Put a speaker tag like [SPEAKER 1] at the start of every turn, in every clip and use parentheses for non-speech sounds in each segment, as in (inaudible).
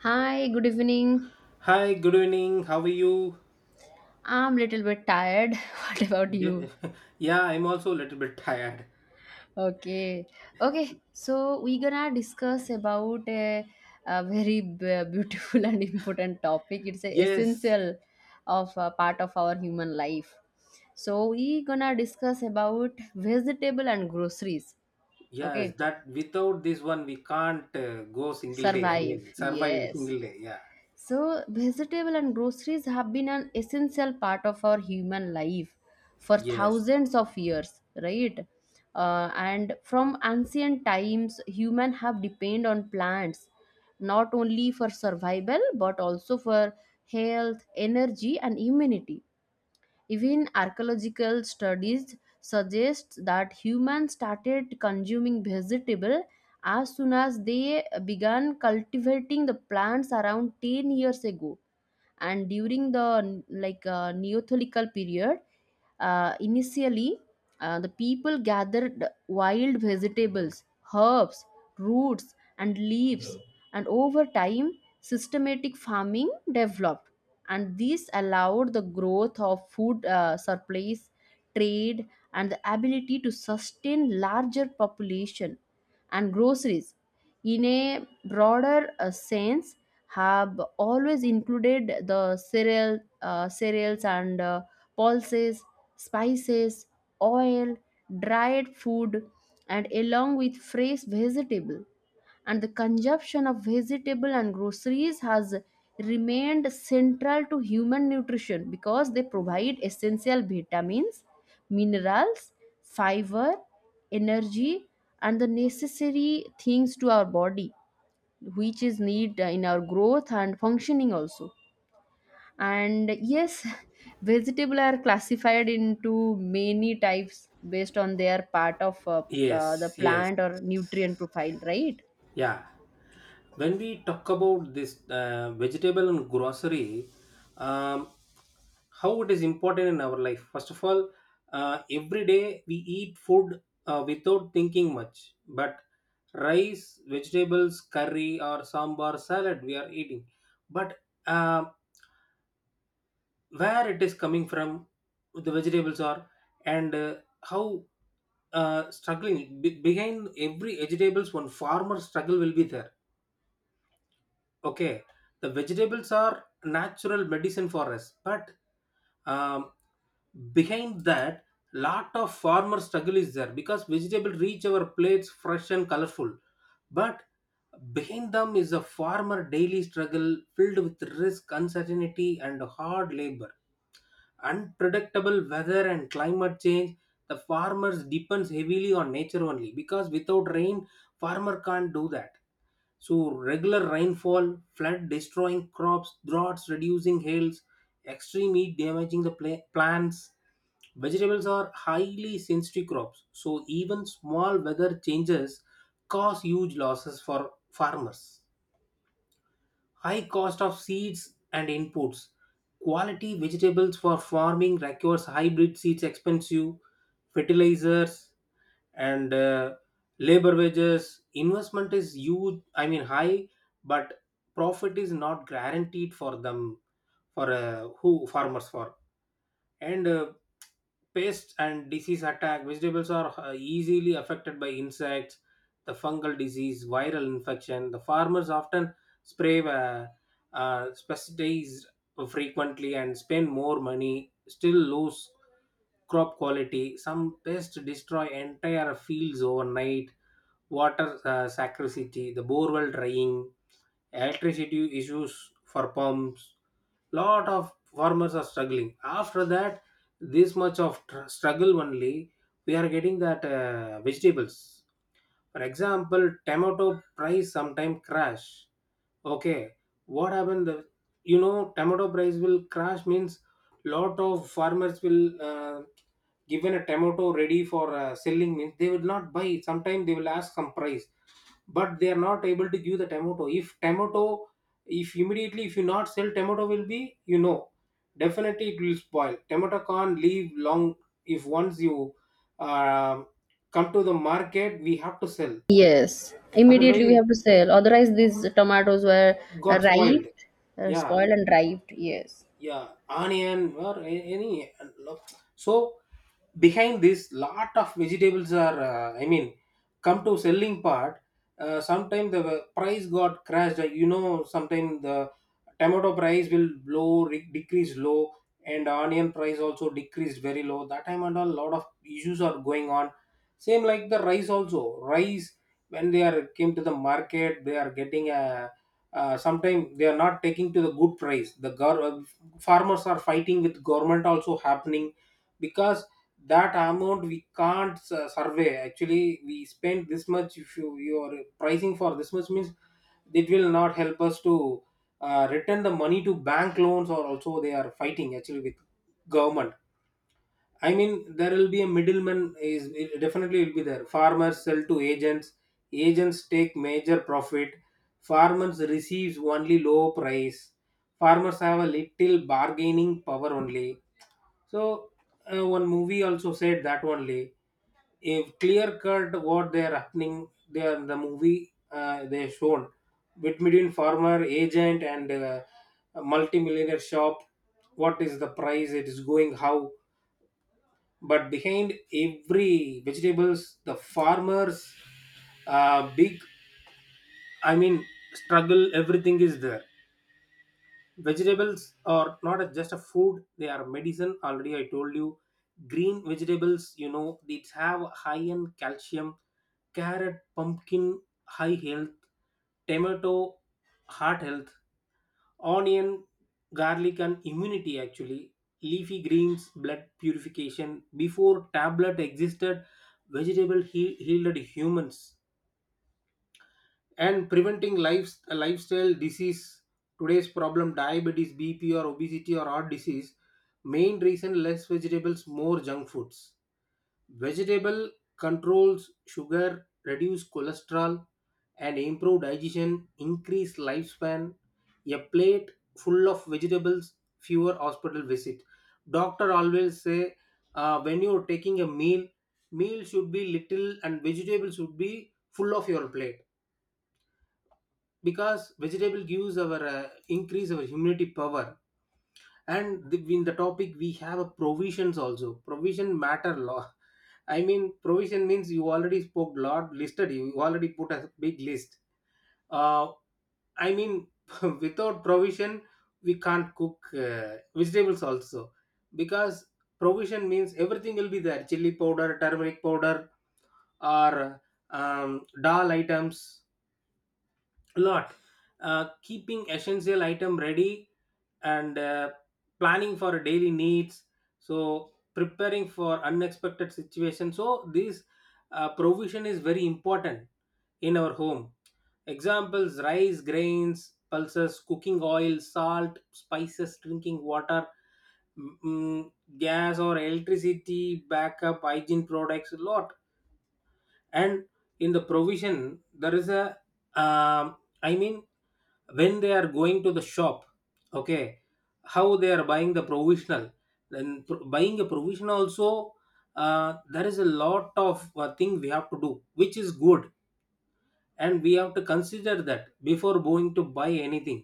[SPEAKER 1] Hi, good evening.
[SPEAKER 2] Hi, good evening. How are you?
[SPEAKER 1] I'm little bit tired. (laughs) What about
[SPEAKER 2] D-
[SPEAKER 1] you?
[SPEAKER 2] (laughs) Yeah, I'm also a little bit tired.
[SPEAKER 1] Okay. Okay. So we're gonna discuss about a very beautiful (laughs) and important topic. It's a
[SPEAKER 2] Yes,
[SPEAKER 1] essential of a part of our human life. So we gonna discuss about vegetable and groceries.
[SPEAKER 2] yes,
[SPEAKER 1] Okay.
[SPEAKER 2] that without this one, we can't go single day. I mean,
[SPEAKER 1] Survive.
[SPEAKER 2] survive
[SPEAKER 1] Yes.
[SPEAKER 2] single day. Yeah,
[SPEAKER 1] So, vegetable and groceries have been an essential part of our human life for
[SPEAKER 2] yes,
[SPEAKER 1] thousands of years, right? And from ancient times, human have depended on plants not only for survival but also for health, energy, and immunity. Even archaeological studies suggest that humans started consuming vegetable as soon as they began cultivating the plants around 10 years ago and during the like neolithic period. Initially, the people gathered wild vegetables, herbs, roots and leaves, and over time systematic farming developed, and this allowed the growth of food, surplus, trade, and the ability to sustain larger population. And groceries, in a broader sense, have always included the cereals and pulses, spices, oil, dried food, and along with fresh vegetable. And the consumption of vegetable and groceries has remained central to human nutrition because they provide essential vitamins, minerals, fiber, energy, and the necessary things to our body which is need in our growth and functioning also. And yes, (laughs) vegetable are classified into many types based on their part of the
[SPEAKER 2] yes, yes,
[SPEAKER 1] plant or nutrient profile, right?
[SPEAKER 2] yeah. When we talk about this vegetable and grocery, um, how it is important in our life, first of all every day we eat food without thinking much, but rice, vegetables, curry, or sambar salad, we are eating, but uh, where it is coming from, the vegetables are, and how, struggling, behind every vegetables one farmer struggle will be there. Okay, the vegetables are natural medicine for us, but um, behind that, lot of farmer struggle is there, because vegetable reach our plates fresh and colorful, but behind them is a farmer daily struggle filled with risk, uncertainty, and hard labor. Unpredictable weather and climate change, the farmers depends heavily on nature only, because without rain, farmer can't do that. So regular rainfall, flood destroying crops, droughts reducing hails, extreme heat damaging the plants. Vegetables are highly sensitive crops, so even small weather changes cause huge losses for farmers. High cost of seeds and inputs. Quality vegetables for farming requires hybrid seeds expensive, fertilizers, and labor wages investment is huge, I mean high, but profit is not guaranteed for them, for who farmers for, and pests and disease attack. Vegetables are easily affected by insects, the fungal disease, viral infection. The farmers often spray pesticides frequently and spend more money, still lose crop quality. Some pests destroy entire fields overnight. Water scarcity, the borewell drying, electricity issues for pumps. Lot of farmers are struggling. After that, this much of struggle only, we are getting that vegetables. For example, tomato price sometime crash. Okay, what happened? The, you know, tomato price will crash means lot of farmers will given a tomato ready for selling means they will not buy. Sometimes they will ask some price, but they are not able to give the tomato. If tomato, if immediately if you not sell, tomato will be, you know, definitely it will spoil. Tomato can't live long. If once you uh, come to the market, we have to sell,
[SPEAKER 1] Yes, immediately we
[SPEAKER 2] otherwise
[SPEAKER 1] have to sell, otherwise these tomatoes were
[SPEAKER 2] got spoiled.
[SPEAKER 1] ripe
[SPEAKER 2] Yeah,
[SPEAKER 1] spoiled and ripe. Yes.
[SPEAKER 2] yeah, onion or any lo- so behind this, lot of vegetables are, I mean, come to selling part, sometime the price got crashed. You know, sometime the tomato price will low, decrease low, and onion price also decreased very low that time, and a lot of issues are going on. Same like the rice also, rice, when they are came to the market, they are getting a, sometime they are not taking to the good price, the farmers are fighting with government also happening, because that amount we can't survey, actually we spend this much. If you, you are pricing for this much, means it will not help us to return the money to bank loans, or also they are fighting actually with government. I mean, there will be a middleman. Is it, definitely will be there. Farmers sell to agents. Agents take major profit. Farmers receives only low price. Farmers have a little bargaining power only. So one movie also said that only. If clear cut what they are happening, they are, the movie they are shown with, between farmer, agent, and multi millionaire shop. What is the price? It is going how. But behind every vegetables, the farmers, big, I mean, struggle, everything is there. Vegetables are not just a food, they are medicine, already I told you. Green vegetables, you know, they have high in calcium. Carrot, pumpkin, high health. Tomato, heart health. Onion, garlic, and immunity, actually. Leafy greens, blood purification. Before tablet existed, vegetable healed humans and preventing lifestyle disease. Today's problem, diabetes, BP, or obesity, or heart disease. Main reason, less vegetables, more junk foods. Vegetable controls sugar, reduce cholesterol, and improve digestion, increase lifespan. A plate full of vegetables, fewer hospital visit. Doctor always say, when you're taking a meal, meal should be little and vegetables should be full of your plate, because vegetable gives our, increase our immunity power. And in the topic, we have a provisions also, provision matter law, I mean provision means, you already spoke lot listed, you already put a big list. Uh, I mean (laughs) without provision, we can't cook vegetables also, because provision means everything will be there. Chili powder, turmeric powder, or dal items, a lot, keeping essential item ready, and planning for daily needs, so preparing for unexpected situations. So this provision is very important in our home. Examples, rice, grains, pulses, cooking oil, salt, spices, drinking water, mm, mm, gas or electricity backup, hygiene products, a lot. And in the provision, there is a, I mean, when they are going to the shop. Okay, how they are buying the provisional, then buying a provision also, there is a lot of thing we have to do, which is good, and we have to consider that before going to buy anything,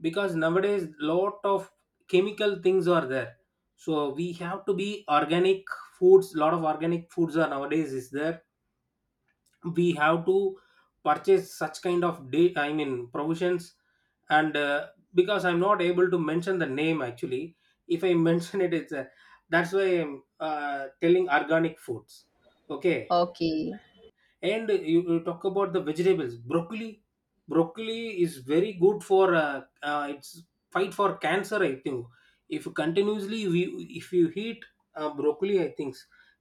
[SPEAKER 2] because nowadays lot of chemical things are there, so we have to be organic foods. Lot of organic foods are nowadays is there, we have to purchase such kind of day, I mean provisions, and because I'm not able to mention the name actually. If I (laughs) mention it, it's a, that's why I'm telling organic foods. Okay,
[SPEAKER 1] Okay.
[SPEAKER 2] and you talk about the vegetables. Broccoli, broccoli is very good for, it's fight for cancer, I think. If you continuously we, if you eat broccoli, I think,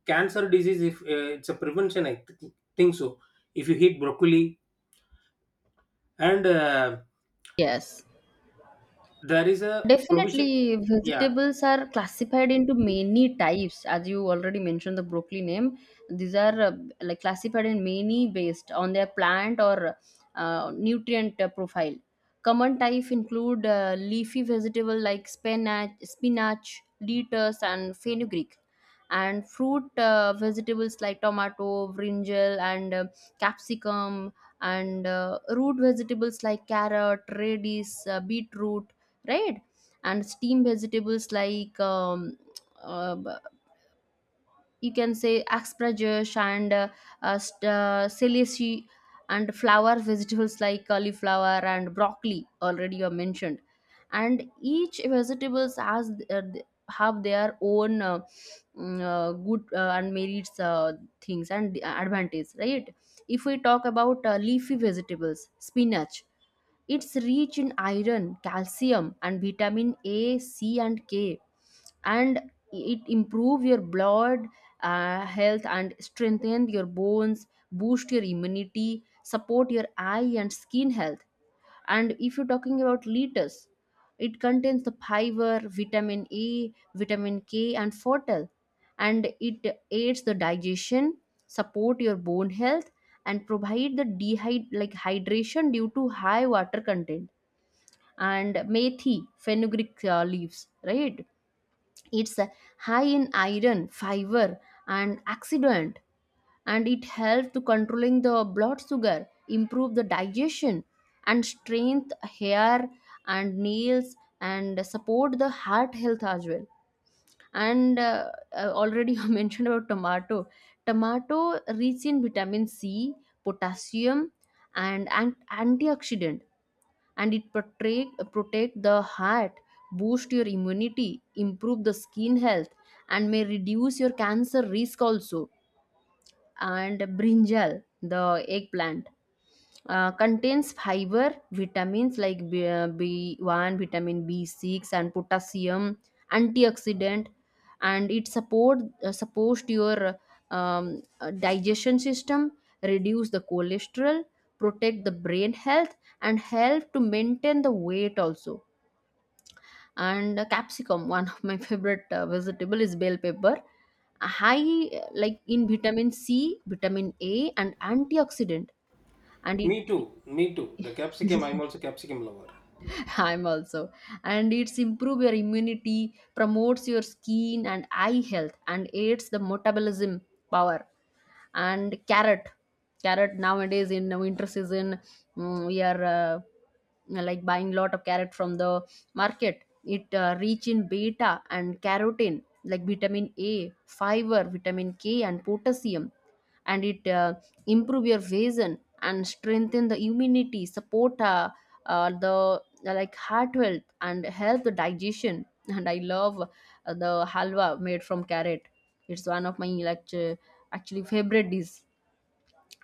[SPEAKER 2] cancer disease, if it's a prevention, I think so, if you eat broccoli, and
[SPEAKER 1] Yes.
[SPEAKER 2] there is a provision.
[SPEAKER 1] Definitely,
[SPEAKER 2] Yeah,
[SPEAKER 1] vegetables are classified into many types, as you already mentioned the broccoli name. These are like classified in many based on their plant or nutrient profile. Common type include leafy vegetable like spinach, lettuce, and fenugreek, and fruit vegetables like tomato, brinjal, and capsicum, and root vegetables like carrot, radish, beetroot, right? And steamed vegetables like uh, b- you can say asparagus and celery, and flower vegetables like cauliflower and broccoli, already you mentioned. And each vegetables have their own good, and merits, things and advantage, right? If we talk about leafy vegetables, spinach, it's rich in iron, calcium, and vitamin A, C, and K, and it improve your blood health and strengthen your bones, boost your immunity, support your eye and skin health. And if you're talking about lettuce, it contains the fiber, vitamin A, vitamin K, and fortal, and it aids the digestion, support your bone health, and provide the dehydrate like hydration due to high water content. And methi, fenugreek leaves, right? It's high in iron, fiber, and oxidant, and it helps to controlling the blood sugar, improve the digestion, and strength hair and nails, and support the heart health as well. And already you (laughs) mentioned about tomato. Tomato rich in vitamin C, potassium, and antioxidant, and it protect the heart, boost your immunity, improve the skin health, and may reduce your cancer risk also. And brinjal, the eggplant, contains fiber, vitamins like B1, vitamin B6, and potassium, antioxidant, and it support supposed your digestion system, reduce the cholesterol, protect the brain health, and help to maintain the weight also. And capsicum, (laughs) one of my favorite vegetable is bell pepper, high like in vitamin C, vitamin A and antioxidant, and
[SPEAKER 2] me
[SPEAKER 1] it
[SPEAKER 2] too. Me too. The capsicum, I'm also capsicum lover.
[SPEAKER 1] (laughs) I'm also. And it's improve your immunity, promotes your skin and eye health, and aids the metabolism power. And carrot, nowadays in winter season, we are like buying lot of carrot from the market. It rich in beta and carotene, like vitamin A, fiber, vitamin K, and potassium, and it improve your vision and strengthen the immunity, support the like heart health and help the digestion, and I love the halwa made from carrot. It's one of my like actually favorite dish.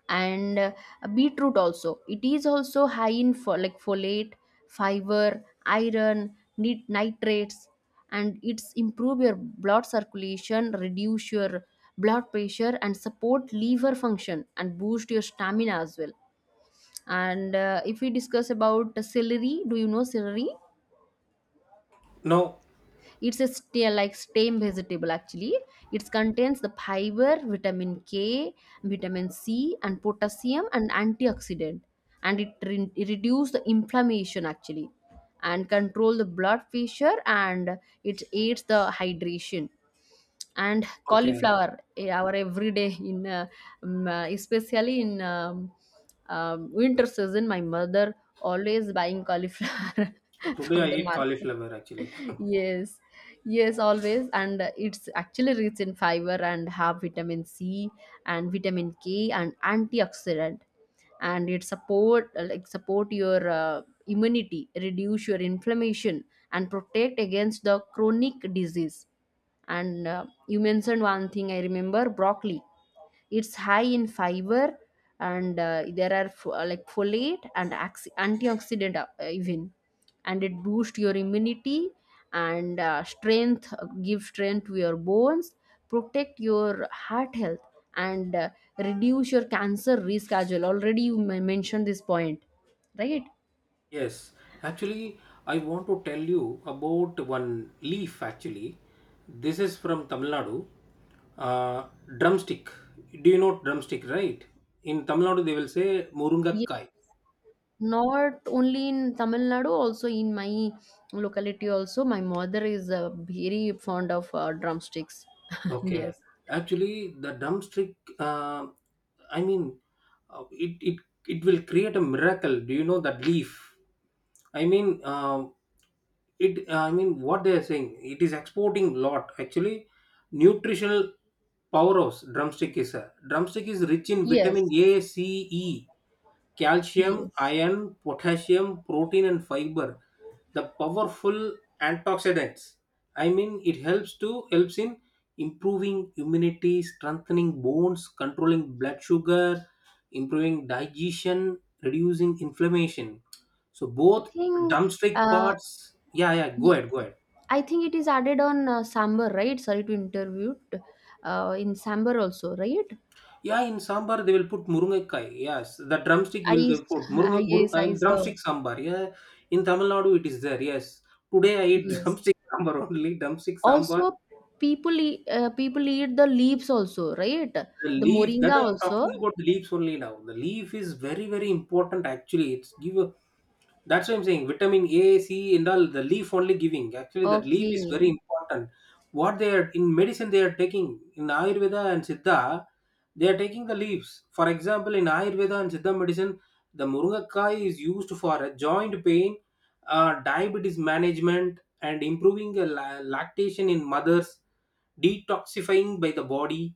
[SPEAKER 1] And beetroot also, it is also high in like folate, fiber, iron, nitrates, and it's improve your blood circulation, reduce your blood pressure, and support liver function, and boost your stamina as well. And if we discuss about celery, do you know celery?
[SPEAKER 2] No,
[SPEAKER 1] It's a like stem vegetable actually. It contains the fiber, vitamin K, vitamin C, and potassium and antioxidant, and it reduces the inflammation actually, and control the blood pressure, and it aids the hydration. And
[SPEAKER 2] okay.
[SPEAKER 1] cauliflower, our everyday in especially in winter season, my mother always buying cauliflower (laughs)
[SPEAKER 2] Today I
[SPEAKER 1] from the
[SPEAKER 2] eat
[SPEAKER 1] market.
[SPEAKER 2] cauliflower actually.
[SPEAKER 1] Yes, yes, always. And it's actually rich in fiber and have vitamin C and vitamin K and antioxidant, and it support, like, support your immunity, reduce your inflammation, and protect against the chronic disease. And you mentioned one thing I remember, broccoli. It's high in fiber, and there are like folate and antioxidant even, and it boosts your immunity, and strength, give strength to your bones, protect your heart health, and reduce your cancer risk as well, already you mentioned this point, right?
[SPEAKER 2] Yes, actually, I want to tell you about one leaf. Actually, this is from Tamil Nadu. Uh, drumstick. Do you know drumstick, right? In Tamil Nadu, they will say murungakkai.
[SPEAKER 1] Not only in Tamil Nadu, also in my locality also, my mother is very fond of drumsticks. (laughs)
[SPEAKER 2] Okay,
[SPEAKER 1] Yes.
[SPEAKER 2] actually, the drumstick, I mean, uh, it it it will create a miracle. Do you know that leaf? I mean, it, I mean, what they are saying, it is exporting lot actually. Nutritional powerhouse, drumstick is rich in
[SPEAKER 1] Yes.
[SPEAKER 2] vitamin A, C, E, calcium,
[SPEAKER 1] Yes.
[SPEAKER 2] iron, potassium, protein, and fiber, the powerful antioxidants. I mean it helps in improving immunity, strengthening bones, controlling blood sugar, improving digestion, reducing inflammation. So
[SPEAKER 1] I
[SPEAKER 2] both
[SPEAKER 1] think
[SPEAKER 2] drumstick
[SPEAKER 1] uh,
[SPEAKER 2] parts, yeah yeah, go
[SPEAKER 1] y-
[SPEAKER 2] ahead, go ahead.
[SPEAKER 1] I think it is added on sambar, right? Sorry to interrupt. In sambar also, right?
[SPEAKER 2] Yeah, in sambar they will put murugai, yes, the drumstick, will
[SPEAKER 1] I
[SPEAKER 2] they put
[SPEAKER 1] I
[SPEAKER 2] murunga, mur,
[SPEAKER 1] Yes, I saw.
[SPEAKER 2] drumstick sambar. Yeah, in Tamil Nadu, it is there, yes. Today I eat (laughs)
[SPEAKER 1] Yes.
[SPEAKER 2] drumstick sambar only, drumstick sambar.
[SPEAKER 1] Also, people eat the leaves also, right?
[SPEAKER 2] The
[SPEAKER 1] The
[SPEAKER 2] leaf that
[SPEAKER 1] moringa
[SPEAKER 2] I'm
[SPEAKER 1] also.
[SPEAKER 2] talking about, the leaves only now. The leaf is very very important actually. It's give a, that's why I'm saying vitamin A, C, and all. The leaf only giving, actually that leaf is very
[SPEAKER 1] Okay.
[SPEAKER 2] important. What they are in medicine, they are taking in Ayurveda and Siddha, they are taking the leaves. For example, in Ayurveda and Siddha medicine, the murugakai is used for a joint pain, diabetes management, and improving the lactation in mothers, detoxifying by the body,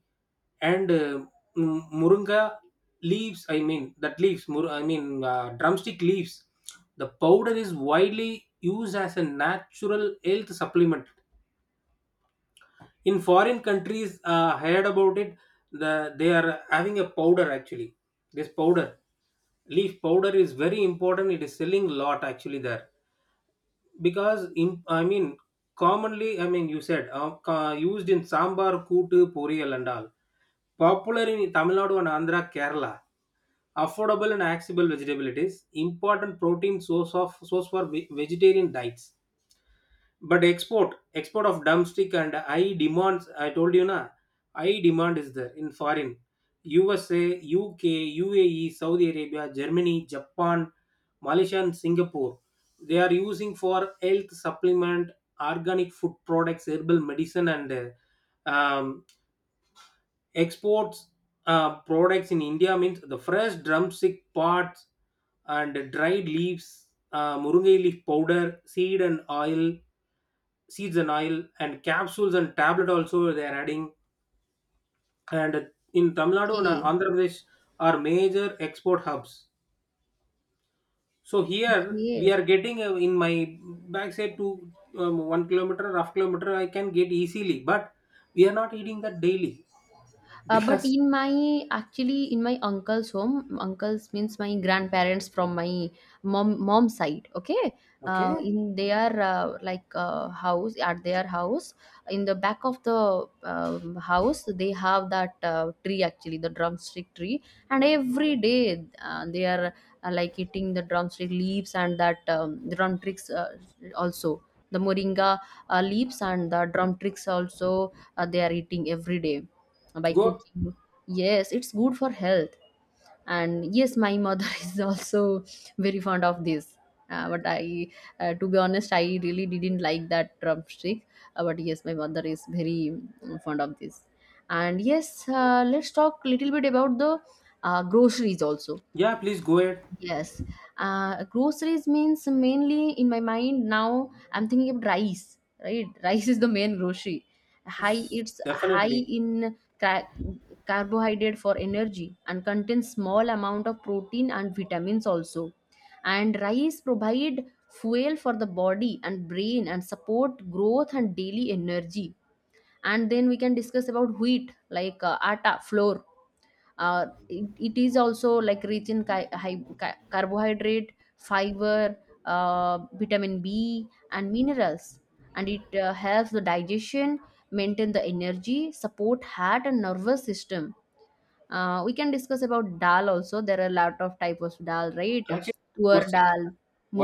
[SPEAKER 2] and moringa leaves, I mean that leaves, I mean drumstick leaves. The powder is widely used as a natural health supplement. In foreign countries, I heard about it. The, they are having a powder actually. This powder, leaf powder, is very important. It is selling a lot actually there, because in, I mean commonly, I mean you said, used in sambar, kootu, poriyal, and all, popular in Tamil Nadu and Andhra, Kerala. Affordable and accessible vegetable, it is important protein source for vegetarian diets. But export of dumpstick and high demands, I told you na, high demand is there in foreign. USA, UK, UAE, Saudi Arabia, Germany, Japan, Malaysia, and Singapore, they are using for health supplement, organic food products, herbal medicine, and um, exports products in India means the fresh drumstick parts and dried leaves, murungai leaf powder, seeds and oil, and capsules and tablet also they are adding. And in Tamil Nadu and
[SPEAKER 1] Okay.
[SPEAKER 2] Andhra Pradesh are major export hubs. So here we
[SPEAKER 1] Great.
[SPEAKER 2] are getting, in my backside to, 1 kilometer, ½ kilometer, I can get easily, but we are not eating that daily (laughs)
[SPEAKER 1] But
[SPEAKER 2] because
[SPEAKER 1] in my uncle's home, uncle's means my grandparents from my mom side. Okay,
[SPEAKER 2] okay,
[SPEAKER 1] in their like house at their house, in the back of the house, they have that tree, actually the drumstick tree, and every day, they are like eating the drumstick leaves and that drumsticks, also the moringa leaves and the drumsticks also, they are eating every day by
[SPEAKER 2] go.
[SPEAKER 1] cooking. Yes, it's good for health. And yes, my mother (laughs) is also very fond of this. But to be honest, I really didn't like that drumstick. But yes, my mother is very, fond of this. And yes, let's talk a little bit about the groceries also.
[SPEAKER 2] Yeah, please go ahead.
[SPEAKER 1] Yes. Groceries means mainly in my mind now I'm thinking of rice, right? (laughs) Rice is the main grocery. It's high
[SPEAKER 2] Definitely.
[SPEAKER 1] in carbohydrate for energy and contains small amount of protein and vitamins also. And rice provide fuel for the body and brain and support growth and daily energy. And then we can discuss about wheat, like atta, flour. It is also like rich in carbohydrate, fiber, vitamin B and minerals, and it helps the digestion, maintain the energy, support heart and nervous system. We can discuss about dal also. There are a lot of types of dal, right?
[SPEAKER 2] Actually,
[SPEAKER 1] Tuar
[SPEAKER 2] question,
[SPEAKER 1] dal,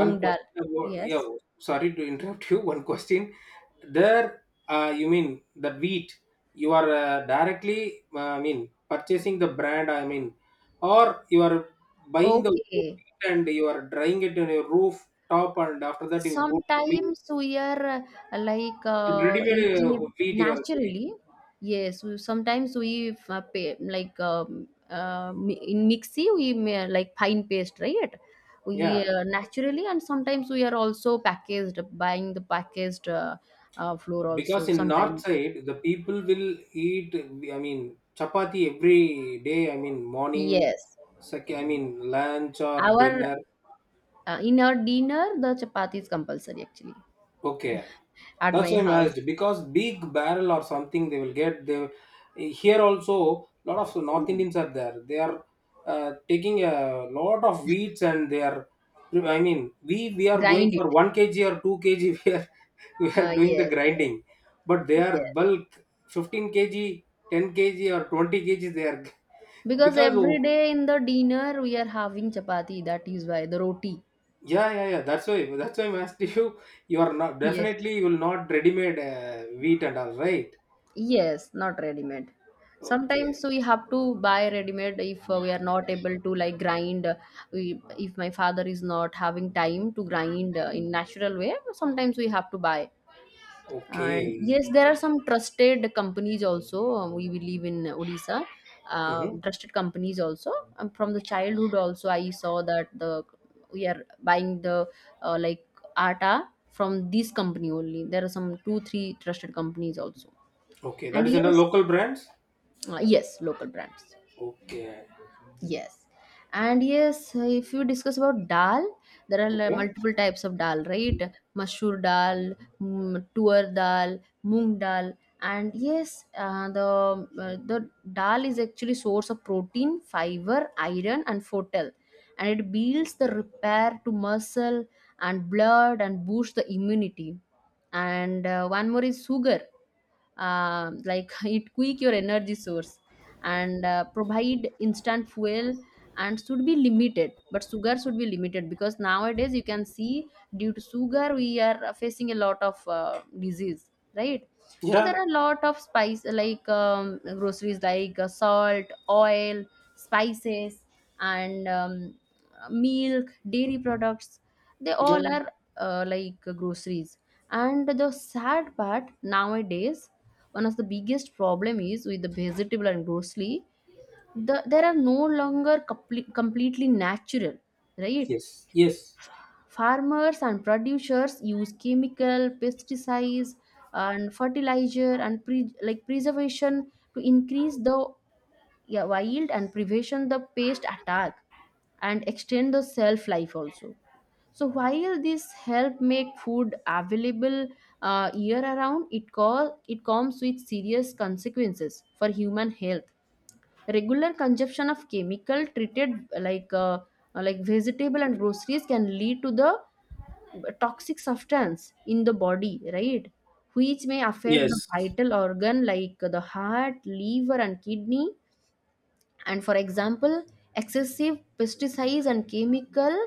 [SPEAKER 2] one
[SPEAKER 1] dal.
[SPEAKER 2] question about, yeah,
[SPEAKER 1] Yes.
[SPEAKER 2] sorry to interrupt you. (laughs) One question. There, you mean that wheat, you are directly, I mean, purchasing the brand, I mean, or you are buying the wheat
[SPEAKER 1] Okay.
[SPEAKER 2] and you are drying it on your roof top, and after that, you go to the mill
[SPEAKER 1] Sometimes we are like
[SPEAKER 2] and ready made
[SPEAKER 1] using it
[SPEAKER 2] wheat you are getting.
[SPEAKER 1] naturally. Yes, sometimes we pay, like in mixie we may, like fine paste, right? We
[SPEAKER 2] Yeah.
[SPEAKER 1] naturally, and sometimes we are also packaged, buying the packaged flour
[SPEAKER 2] Because
[SPEAKER 1] also
[SPEAKER 2] in north
[SPEAKER 1] sometimes.
[SPEAKER 2] side the people will eat, I mean, chapati every day, I mean, morning
[SPEAKER 1] Yes,
[SPEAKER 2] I mean lunch or
[SPEAKER 1] our
[SPEAKER 2] dinner.
[SPEAKER 1] in our dinner the chapati is compulsory actually
[SPEAKER 2] Okay,
[SPEAKER 1] at
[SPEAKER 2] that's
[SPEAKER 1] my
[SPEAKER 2] why I'm
[SPEAKER 1] house.
[SPEAKER 2] asked, because big barrel or something they will get. They, here also lot of North Indians are there. They are taking a lot of wheats and they are. I mean, we are going
[SPEAKER 1] Grind it.
[SPEAKER 2] for 1 kg or 2 kg. (laughs) We are doing the
[SPEAKER 1] Yes, yes,
[SPEAKER 2] grinding, but they are
[SPEAKER 1] yes.
[SPEAKER 2] bulk, 15 kg, 10 kg or 20 kg. They are (laughs)
[SPEAKER 1] Because
[SPEAKER 2] because
[SPEAKER 1] every
[SPEAKER 2] oh,
[SPEAKER 1] day in the dinner we are having chapati, that is why the roti.
[SPEAKER 2] yeah, yeah, yeah. That's why I'm asked you. You are not,
[SPEAKER 1] Yeah.
[SPEAKER 2] definitely you will not ready made wheat and all, right.
[SPEAKER 1] Yes, not ready-made. Sometimes
[SPEAKER 2] Okay.
[SPEAKER 1] we have to buy ready-made if we are not able to like grind. We, if my father is not having time to grind in natural way, sometimes we have to buy. And
[SPEAKER 2] Okay.
[SPEAKER 1] yes, there are some trusted companies also. We believe in Odisha,
[SPEAKER 2] Mm-hmm.
[SPEAKER 1] trusted companies also. From the childhood also, I saw that the we are buying the like atta from this company only. There are some two, three trusted companies also.
[SPEAKER 2] Okay. That
[SPEAKER 1] And
[SPEAKER 2] is under
[SPEAKER 1] yes,
[SPEAKER 2] local brands.
[SPEAKER 1] yes, local brands.
[SPEAKER 2] Okay.
[SPEAKER 1] Yes. And yes, if you discuss about dal, there are
[SPEAKER 2] Okay.
[SPEAKER 1] multiple types of dal, right? Masoor dal, tuar dal, moong dal, and yes, the dal is actually source of protein, fiber, iron, and fortel, and it builds the repair to muscle and blood and boosts the immunity. And one more is sugar. Like (laughs) it quick your energy source and provide instant fuel, and should be limited, but sugar should be limited because nowadays you can see, due to sugar we are facing a lot of disease, right? So there
[SPEAKER 2] Yeah.
[SPEAKER 1] are a lot of spice, like groceries like salt, oil, spices, and milk, dairy products. They all
[SPEAKER 2] Yeah.
[SPEAKER 1] are like groceries. And the sad part nowadays, one of the biggest problem is with the vegetable and grocery, there are no longer completely natural, right?
[SPEAKER 2] Yes. Yes.
[SPEAKER 1] Farmers and producers use chemical, pesticides, and fertilizer and preservation to increase the yeah, wild and prevention the pest attack, and extend the shelf life also. So while this help make food available year around, it comes with serious consequences for human health. Regular consumption of chemical treated vegetable and groceries can lead to the toxic substance in the body, right? Which may affect the
[SPEAKER 2] Yes.
[SPEAKER 1] vital organ like the heart, liver, and kidney. And for example, excessive pesticides and chemical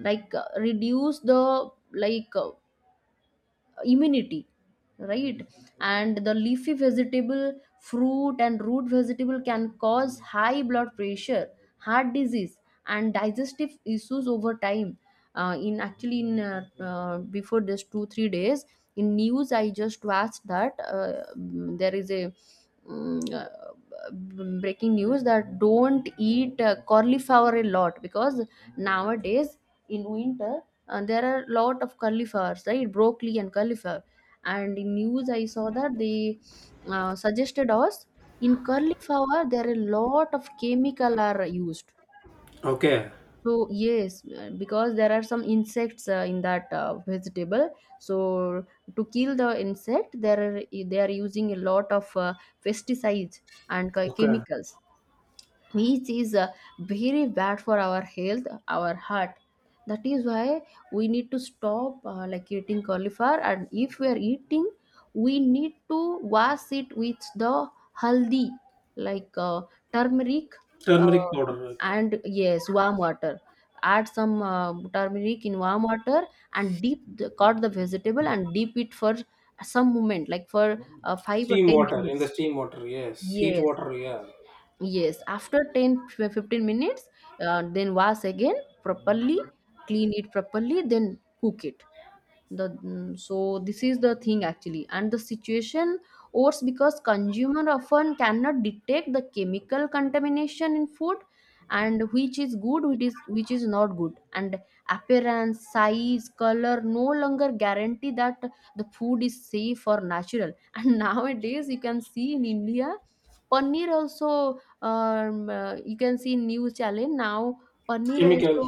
[SPEAKER 1] reduce the immunity, right? And the leafy vegetable, fruit, and root vegetable can cause high blood pressure, heart disease, and digestive issues over time. In actually in Before this 2 3 days in news I just watched that, there is a, breaking news that don't eat cauliflower a lot because nowadays in winter there are a lot of cauliflowers, right? Broccoli and cauliflower. And in news I saw that they suggested us in cauliflower there are a lot of chemical are used.
[SPEAKER 2] Okay.
[SPEAKER 1] So yes, because there are some insects in that vegetable. So to kill the insect, they are using a lot of pesticides and
[SPEAKER 2] Okay.
[SPEAKER 1] chemicals, which is very bad for our health, our heart. That is why we need to stop eating cauliflower, and if we are eating, we need to wash it with the haldi, like uh, turmeric.
[SPEAKER 2] Turmeric
[SPEAKER 1] uh,
[SPEAKER 2] powder, right.
[SPEAKER 1] and yes, warm water. Add some turmeric in warm water and deep cut the vegetable and deep it for some moment, like for 5 or
[SPEAKER 2] Steam
[SPEAKER 1] 10
[SPEAKER 2] water. In the
[SPEAKER 1] minutes.
[SPEAKER 2] steam water. Yes. Heat
[SPEAKER 1] Yes.
[SPEAKER 2] water. Yeah.
[SPEAKER 1] Yes, after 10 to 15 minutes, then wash again properly, clean it properly, then cook it. So this is the thing actually, and the situation worse because consumer often cannot detect the chemical contamination in food, and which is good which is not good. And appearance, size, color no longer guarantee that the food is safe or natural. (laughs) And nowadays you can see in India, paneer also. You can see news channel now, paneer also.
[SPEAKER 2] Chemical.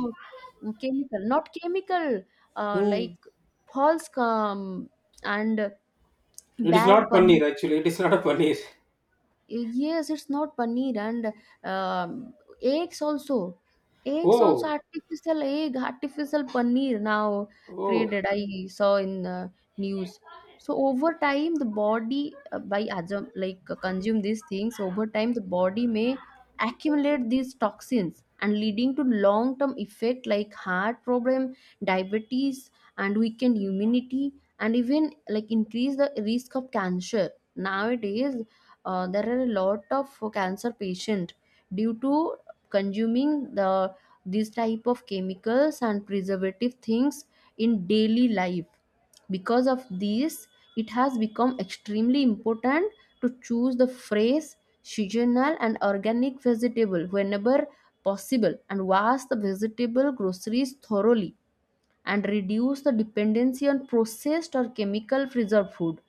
[SPEAKER 1] Chemical, not chemical, uh,
[SPEAKER 2] Hmm.
[SPEAKER 1] like false, and
[SPEAKER 2] It is
[SPEAKER 1] bad
[SPEAKER 2] not
[SPEAKER 1] bunny.
[SPEAKER 2] paneer actually. It is not a paneer.
[SPEAKER 1] Yes, it's not paneer. And um eggs also, eggs also,
[SPEAKER 2] Oh,
[SPEAKER 1] artificial egg, artificial paneer now
[SPEAKER 2] oh,
[SPEAKER 1] created. I saw in news. So over time the body, by adjum- like consume these things over time, the body may accumulate these toxins and leading to long term effect like heart problem, diabetes, and weakened immunity, and even like increase the risk of cancer. Nowadays there are a lot of cancer patient due to consuming the these type of chemicals and preservative things in daily life. Because of this, it has become extremely important to choose the fresh, seasonal, and organic vegetable whenever possible, and wash the vegetable groceries thoroughly, and reduce the dependency on processed or chemical preserved food.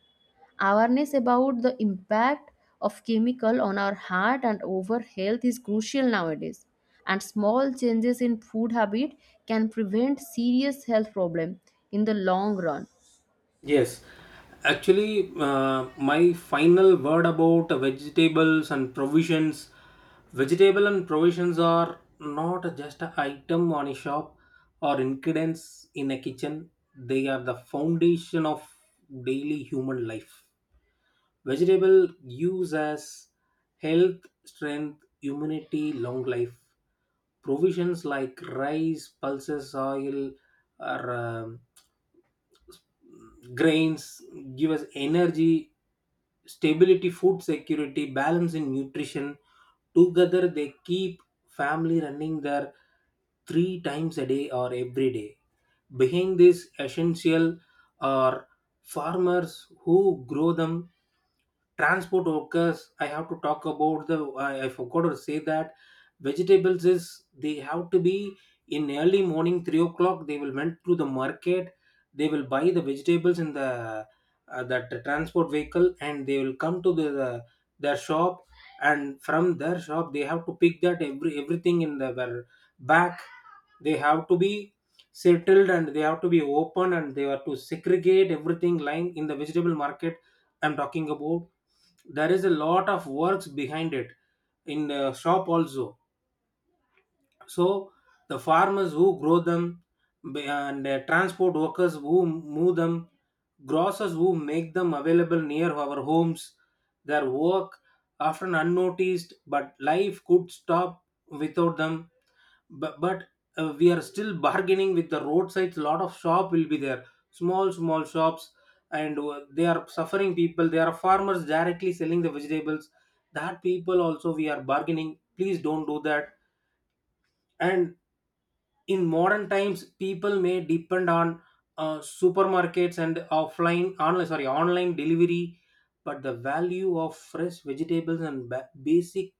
[SPEAKER 1] Awareness about the impact of chemical on our heart and over health is crucial nowadays, and small changes in food habit can prevent serious health problem in the long run.
[SPEAKER 2] yes. Actually, my final word about vegetables and provisions. Vegetable and provisions are not just an item on a shop or ingredients in a kitchen. They are the foundation of daily human life. Vegetable use as health, strength, immunity, long life. Provisions like rice, pulses, oil, or grains give us energy, stability, food security, balance in nutrition. Together, they keep family running their three times a day or every day. Behind this, essential are farmers who grow them, transport workers. I have to talk about I forgot to say that vegetables is they have to be in early morning 3 o'clock they will went to the market, they will buy the vegetables in the that transport vehicle and they will come to the their shop, and from their shop they have to pick that everything in their back, they have to be settled, and they have to be open, and they have to segregate everything lying in the vegetable market. I'm talking about there is a lot of works behind it, in the shop also. So the farmers who grow them, and transport workers who move them, grocers who make them available near our homes, their work often unnoticed, but life could stop without them. But we are still bargaining with the roadsides, lot of shop will be there, small small shops, and they are suffering people, they are farmers directly selling the vegetables, that people also we are bargaining, please don't do that. And in modern times people may depend on supermarkets and offline online, sorry, online delivery, but the value of fresh vegetables and basic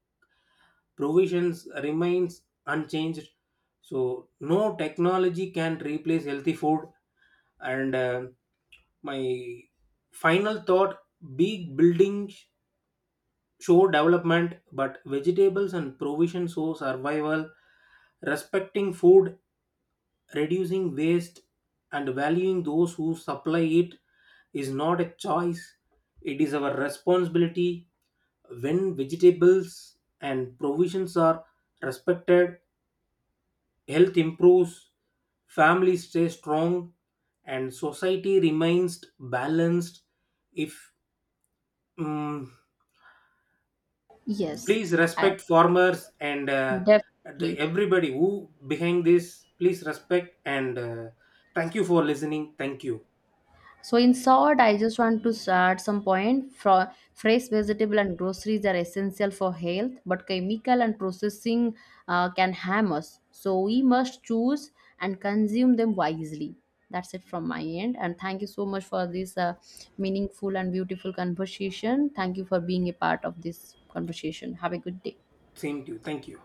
[SPEAKER 2] provisions remains unchanged. So no technology can replace healthy food. And my final thought, big buildings show development, but vegetables and provisions show survival. Respecting food, reducing waste, and valuing those who supply it is not a choice, it is our responsibility. When vegetables and provisions are respected, health improves, families stay strong, and society remains balanced. If mm,
[SPEAKER 1] Yes,
[SPEAKER 2] please
[SPEAKER 1] I,
[SPEAKER 2] respect farmers and
[SPEAKER 1] definitely.
[SPEAKER 2] everybody who behind this, please respect and thank you for listening. Thank you.
[SPEAKER 1] So in short, I just want to add some point. Fresh vegetable and groceries are essential for health, but chemical and processing can harm us. So we must choose and consume them wisely. That's it from my end. And thank you so much for this meaningful and beautiful conversation. Thank you for being a part of this conversation. Have a good day.
[SPEAKER 2] Same to you. Thank you.